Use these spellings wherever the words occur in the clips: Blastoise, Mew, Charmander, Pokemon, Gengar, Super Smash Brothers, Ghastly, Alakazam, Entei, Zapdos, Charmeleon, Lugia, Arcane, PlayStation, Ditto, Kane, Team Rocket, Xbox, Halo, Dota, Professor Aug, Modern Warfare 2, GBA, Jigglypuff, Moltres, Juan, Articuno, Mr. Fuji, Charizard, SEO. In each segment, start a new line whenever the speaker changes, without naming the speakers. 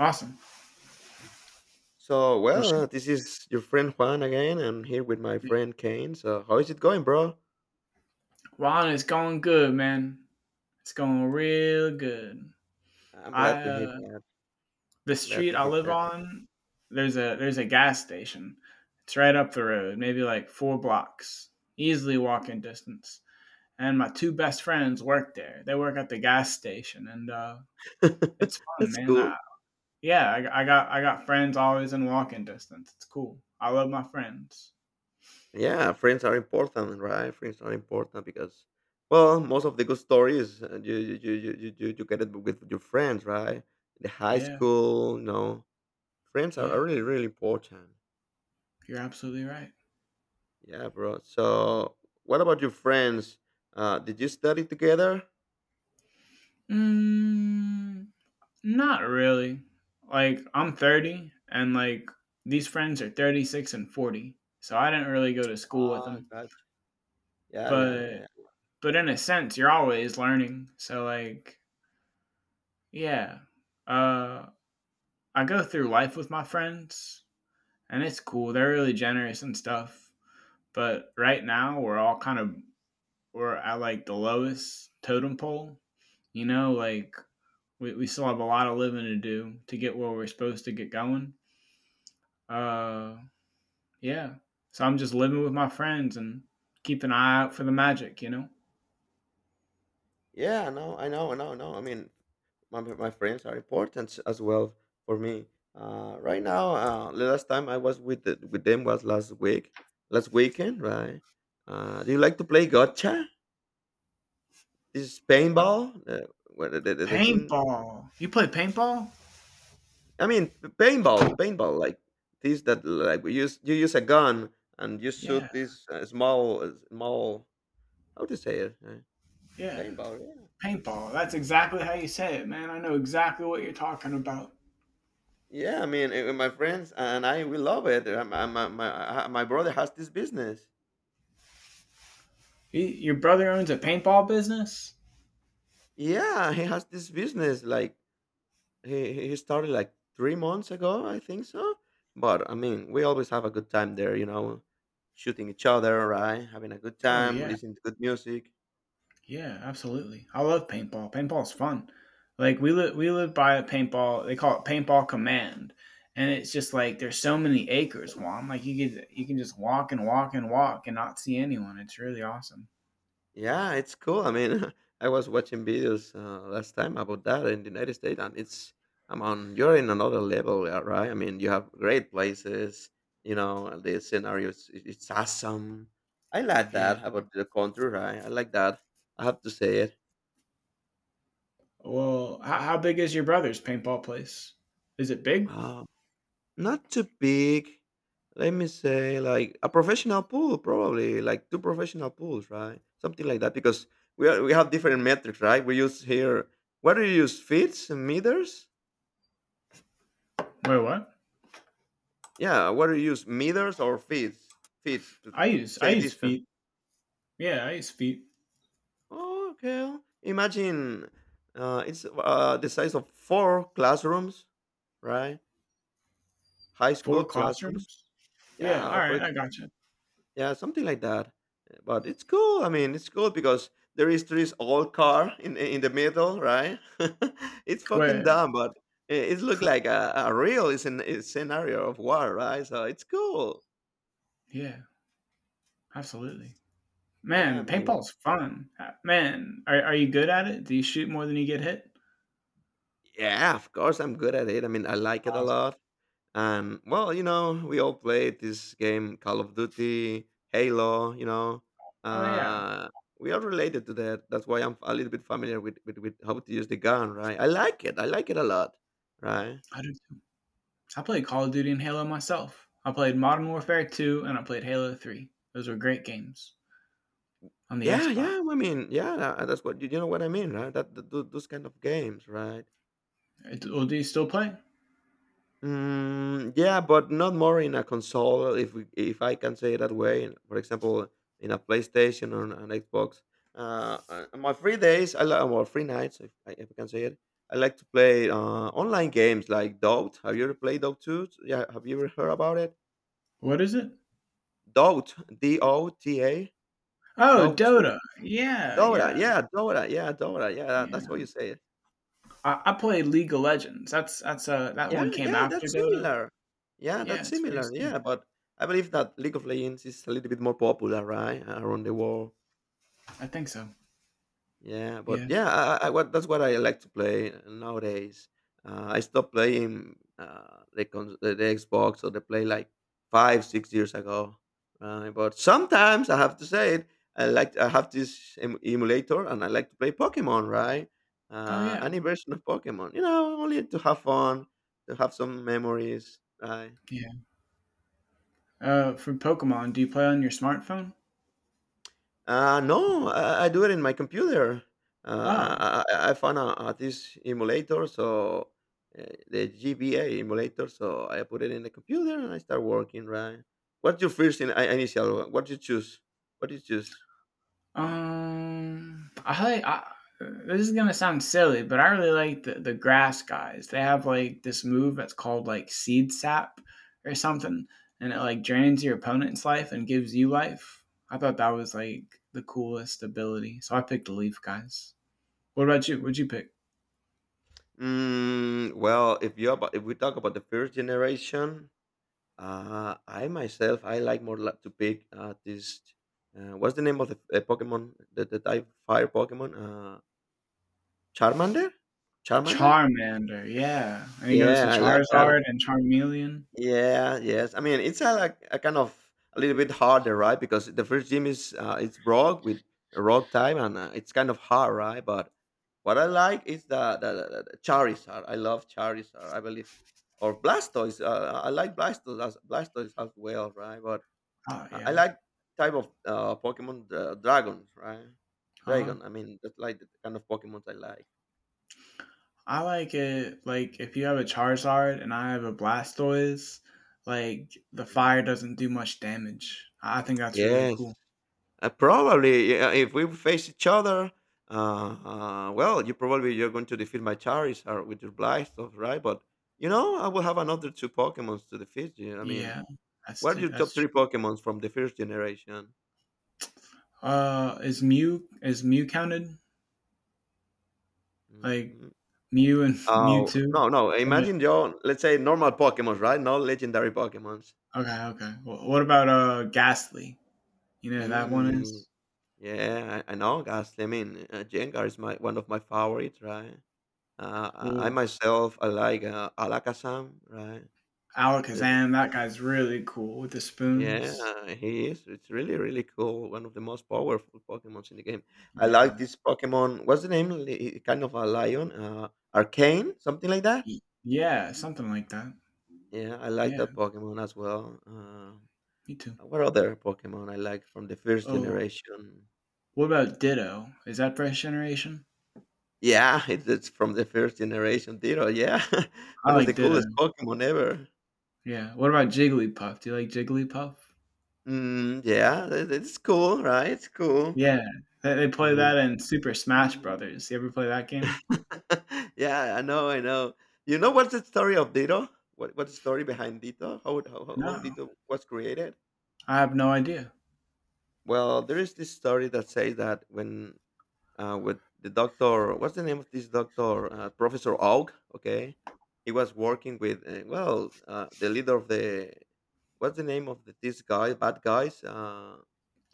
Awesome.
So,
Well,
well,
shoot.
this is your friend Juan again. I'm here with my
Yeah.
friend Kane. So, how is it going, bro?
It's going good, man. It's going real good.
I'm glad
I
to hear that.
the
I'm glad
street
to
I
hear
live
that.
on, there's a gas station. It's right up the road, maybe like four blocks, easily walking distance. And my two best friends work there. They work at the gas station, and it's fun,
That's
man.
cool.
Yeah, I got friends always in walking distance. It's cool. I love my friends.
Yeah, friends are important, right? Friends are important because, well, most of the good stories you get it with your friends, right? The high
Yeah,
school, friends are
yeah,
really really important.
you're absolutely right.
Yeah, bro. So, what about your friends? Did you study together?
Mm. Not really. Like I'm 30, and like these friends are 36 and 40. So I didn't really go to school with
Ah,
them.
gotcha. Yeah, yeah,
But
yeah.
but in a sense you're always learning. So like yeah. Uh I go through life with my friends, and it's cool. They're really generous and stuff. But right now we're all we're at like the lowest totem pole, you know, like we still have a lot of living to do to get where we're supposed to get going. Uh Yeah. So I'm just living with my friends and keep an eye out for the magic, you know?
Yeah, no, I know, I know, I know. I mean, my friends are important as well for me. Right now, the last time I was with with them was last week, last weekend, right? Do you like to play gotcha? This
Uh,
paintball, what the thing?
Paintball. You play paintball?
I mean, paintball, like this that like we use you use a gun and you
Yeah.
shoot this small small how to say it?
Yeah.
Paintball, yeah.
Paintball. That's exactly how you say it, man. I know exactly what you're talking about.
Yeah, I mean, my friends and I, we love it. My brother has this business.
Y- Your brother owns a paintball business?
Yeah, he has this business. Like, he started like 3 months ago, I think so. But I mean, we always have a good time there, shooting each other, right? Having a good
Oh
time,
yeah.
listening to good music.
Yeah, absolutely. I love paintball. Paintball's fun. Like we live by a paintball, they call it paintball command. And it's just like there's so many acres, Juan. Like you can just walk and walk and walk and not see anyone. It's really awesome.
Yeah, it's cool. I mean, I was watching videos last time about that in the United States, and it's, I mean, you're in another level, yeah, right? I mean, you have great places, and the scenarios, it's awesome. I like
Yeah.
that about the country, right? I like that. I have to say it.
Well, how big is your brother's paintball place? Is it big?
Uh, not too big. Let me say, like a professional pool, probably like two professional pools, right? Something like that, because we have different metrics, right? We use here. What do you use? Feet and meters?
Wait, what?
Yeah, what do you use? Meters or feet? Feet to, to,
I
to to
use I
say
use
distance.
feet. Yeah, I use feet.
Oh, okay. Imagine it's the size of four classrooms, right? High
Four
school classrooms.
classrooms. Yeah. All
Yeah,
right, I gotcha.
yeah, something like that. But it's cool. I mean, it's cool because there is this old car in the middle, right? it's fucking
Where?
dumb, but it looked like a real is an, is scenario of war, right? So it's cool.
Yeah. Absolutely.
Yeah, I
Man,
mean.
paintball's fun. Man, are you good at it? Do you shoot more than you get hit?
Yeah, of course, I'm good at it. I mean, I like it a
Awesome.
lot. And well, we all played this game, Call of Duty, Halo. You know,
Oh yeah,
uh, we are related to that. That's why I'm a little bit familiar with, with how to use the gun, right? I like it. I like it a lot, right?
I do too. So I played Call of Duty and Halo myself. I played Modern Warfare 2 and I played Halo 3. Those were great games on the
Yeah,
Xbox.
yeah. I mean, yeah. That's what you know what I mean, right? That, those kind of games, right?
Well, do you still play?
Mm, yeah, but not more in a console, if I can say it that way. For example, in a PlayStation or an Xbox. On my free days, I like, well, free nights, if I can say it. I like to play online games like Dota. Have you ever played Dota 2? Yeah, have you ever heard about it?
What is it?
Dota, D O T A,
Oh,
Dota 2.
Dota. Yeah,
Dota,
yeah,
yeah, Dota, yeah, Dota, yeah. That,
yeah.
that's what you say.
I played League of Legends. That's that
Yeah,
one came
yeah,
after
that's
Dota.
similar. Yeah,
Yeah,
that's
it's very
similar.
similar.
Yeah, but I believe that League of Legends is a little bit more popular, right, around the world.
I think so.
Yeah, but
Yeah.
yeah, I- what that's what I like to play nowadays. I stopped playing the Xbox or the Play like 5, 6 years ago. Right, but sometimes I have to say it. I have this emulator and I like to play Pokemon, right?
Oh yeah.
Any version of Pokemon, only to have fun, to have some memories, right?
Yeah. For Pokemon, do you play on your smartphone?
No, I do it in my computer.
Oh,
I found this emulator, so uh, the GBA emulator. So I put it in the computer and I start working. Right. What's your first initial? What do you choose? What do you choose?
I like. This is gonna sound silly, but I really like the grass guys. They have like this move that's called like seed sap or something, and it like drains your opponent's life and gives you life. I thought that was like the coolest ability, so I picked the leaf guys. What about you? What'd you pick?
Mm, well, if we talk about the first generation, I myself I like more like to pick this. What's the name of the Pokemon? The type fire Pokemon? Charmander. Charmander.
Charmander, yeah, and he goes to
Yeah, I like that.
Charizard and Charmeleon.
Yeah, yes. I mean, it's like a kind of a little bit harder, right? Because the first gym is it's rock with rock time, and it's kind of hard, right? But what I like is the Charizard. I love Charizard. I believe or Blastoise. I like Blastoise as well, right? But
Oh
I
yeah,
like type of Pokemon dragons, right?
uh huh.
Dragon. I mean, that's like the kind of Pokemon I like.
I like it like if you have a Charizard and I have a Blastoise, like the fire
Mm.
doesn't do much damage. I think that's really
Yes.
cool.
Probably, yeah, if we face each other, well, you probably, you're going to defeat my Charizard with your Blystoff, right? But I will have another two Pokemons to defeat you. I mean,
Yeah,
what are your
that's
top three
true.
Pokemons from the first generation?
Is Mew counted? Like
Mhm.
Mew and
Oh
Mewtwo?
no, no!
From it?
Imagine your let's say normal Pokemons, right? Not legendary Pokemons.
Okay, okay. Well, what about Ghastly? You know who that one
Mm,
is?
yeah, I know, Ghastly. I mean, Gengar is my one of my favorites, right? I
Well,
myself, I like Alakazam, right?
Alakazam, that guy's really cool with the
Yeah,
spoons.
he is. It's really, really cool. One of the most powerful Pokemons in the game. I
Yeah,
like this Pokemon. What's the name? Kind of a lion. Arcane, something like that.
yeah, something like that.
Yeah, I like that
Yeah,
Pokemon as well.
me too.
What other Pokemon I like from the first
Oh,
generation?
what about Ditto? Is that Fresh generation?
Yeah, it's from the first generation. Ditto. Yeah,
I
one of
like
the
Ditto,
coolest Pokemon ever.
yeah. What about Jigglypuff? Do you like Jigglypuff?
Mm, yeah, it's cool, right? It's cool.
Yeah, they
I
play
mean,
that in Super Smash Brothers. You ever play that game?
yeah, I know, I know. You know what's the story of Dito? What's the story behind Dito? How
No,
Dito was created?
I have no idea.
Well, there is this story that says that when with the doctor, what's the name of this doctor? Professor Aug, okay? He was working with well, the leader of the what's the name of this guy, bad guys?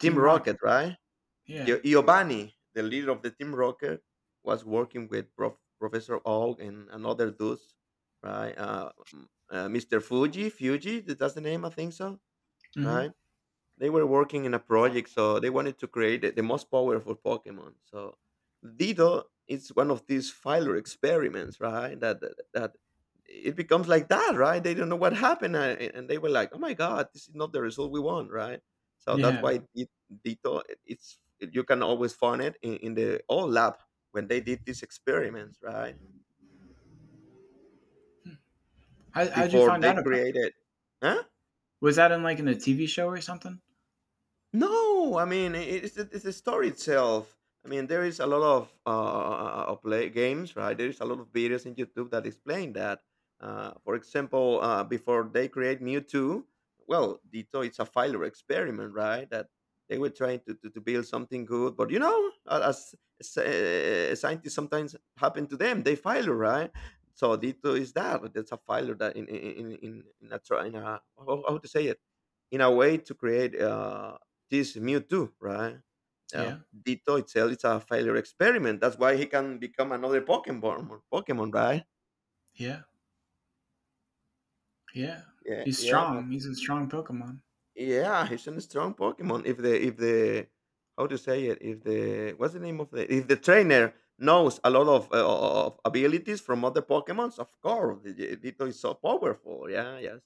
Team Rocket,
Rocket,
right?
yeah,
Giovanni, the leader of the Team Rocket, was working with Professor Og and another dudes, right? Mr. Fuji, that's the name, I think so,
mhm,
right? They were working in a project, so they wanted to create the most powerful Pokemon. So Ditto is one of these failure experiments, right? That it becomes like that, right? They don't know what happened, and they were like, "Oh my God, this is not the result we want," right? So that's
yeah.
why Dido, it's you can always find it in the old lab when they did these experiments, right?
How how'd you
Before
find
they
out about it?
created, huh?
Was that in, like, in a TV show or something?
No, I mean it's the story itself. I mean there is a lot of play games, right? There is a lot of videos in YouTube that explain that. For example, before they create Mewtwo, well, Ditto it's a failure experiment, right? That they were trying to build something good, but as scientists sometimes happen to them, they failure, right? So Ditto is that. That's a failure that in a, in a how to say it in a way to create this Mewtwo, right?
Yeah,
Ditto itself is a failure experiment. That's why he can become another Pokemon, or Pokemon, right?
yeah, yeah.
Yeah,
He's
yeah, my,
strong, he's a strong Pokemon.
yeah. He's a strong Pokemon. If the how to say it, if the what's the name of the if the trainer knows a lot of abilities from other Pokemons, of course, Ditto is so powerful. Yeah, yes,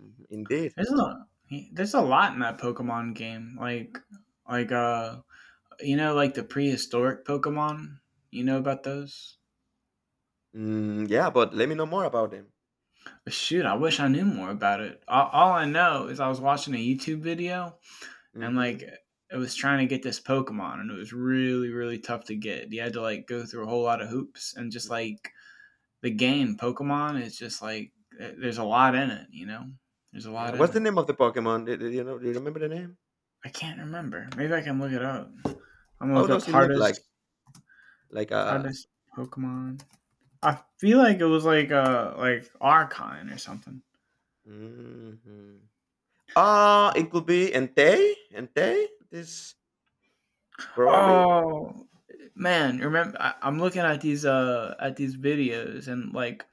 mhm, indeed.
There's a there's a lot in that Pokemon game, like, you know, like the prehistoric Pokemon? You know about those?
Mm, yeah, but let me know more about him.
Shoot, I wish I knew more about it. All I know is I was watching a YouTube video, and like
Hmm.
it was trying to get this Pokemon, and it was really, really tough to get. You had to like go through a whole lot of hoops, and just like the game Pokemon is just like there's a lot in it, you know? There's a
Yeah,
lot in
what's the
it.
name of the Pokemon? Do you know? Do you remember the name?
I can't remember. Maybe I can look it up. I'm gonna
How
look up
does he look like?
hardest
Like a,
Hardest Pokemon. I feel like it was like Archon or something.
mhm. Ah, it could be Entei. This probably.
Oh man, remember I'm looking at these videos, and like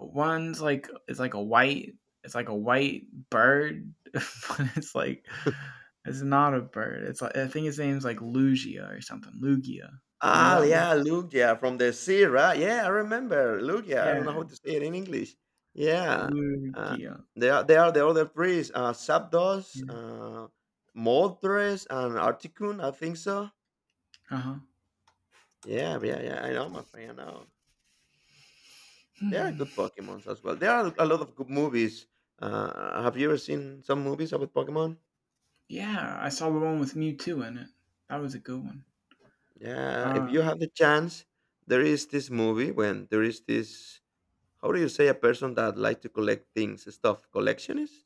one's like it's like a white it's like a white bird, but it's like it's not a bird. It's like I think his name's like Lugia or something. Lugia. You know
Ah,
that one?
yeah, Lugia from the sea, right? Yeah, I remember Lugia. I don't know
Yeah,
how to say it in English. Yeah, uh,
Lugia.
they are the other priests. Zapdos,
Yeah.
Moltres, and Articuno. I think so.
Uh huh.
Yeah, yeah, yeah. I know, my friend. I know. There are
Hmm.
good Pokemons as well. There are a lot of good movies. Have you ever seen some movies about Pokemon?
Yeah, I saw the one with Mewtwo in it. That was a good one.
Yeah, if
Uh,
you have the chance, there is this movie when there is this how do you say a person that like to collect things, stuff, collectionist?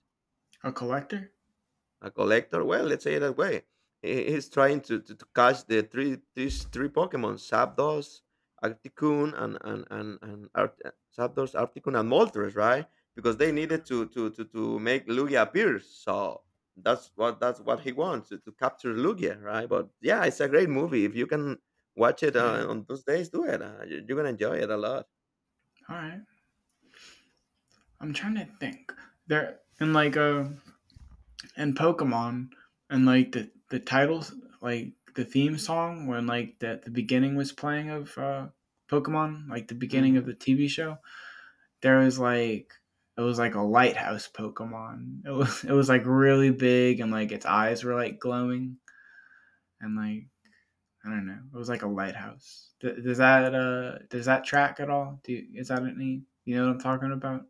a collector?
A collector. Well, let's say it that way. He's trying to catch the three these three Pokemon: Zapdos, Articuno, and Zapdos, Articuno, and Moltres, right? Because they needed to make Lugia appear. So that's what he wants to capture Lugia, right? But yeah, it's a great movie. If you can watch it
Yeah.
on those days, do it. You're gonna enjoy it a lot.
All right. I'm trying to think. There and like in Pokemon, and like the titles, like the theme song when like the beginning was playing of Pokemon, like the beginning of
Mhm.
the TV show, there was like it was like a lighthouse Pokemon. It was like really big, and like its eyes were like glowing, and like I don't know. It was like a lighthouse. Th- does that track at all? Do you, is that any you know what I'm talking about?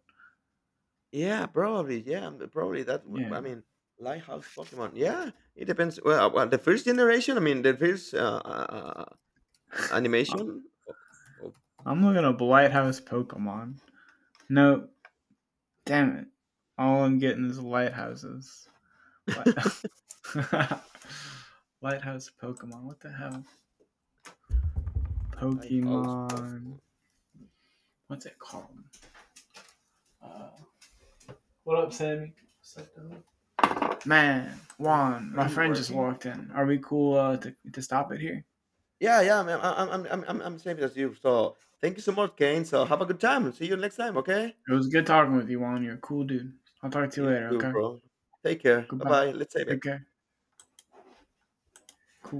Yeah, probably. Yeah, probably that.
Yeah.
I mean, Lighthouse Pokemon. Yeah, it depends. Well, the first generation. I mean, the first uh, uh, animation of
I'm looking up lighthouse Pokemon. No, damn it. All I'm getting is lighthouses. What? Lighthouse Pokemon. What the hell?
Lighthouse
Pokemon.
Pokemon.
What's it called? Man, Juan, my you friend working? Just walked in. Are we cool to stop it here?
Yeah, yeah. I'm same as you. So thank you so much, Kane. So have a good time. See you next time. Okay.
It was good talking with you, Juan. You're a cool dude. I'll talk to you
You
later,
too,
okay?
bro. Take care. Bye
Goodbye.
bye. Let's save
Take
it.
care. Cool.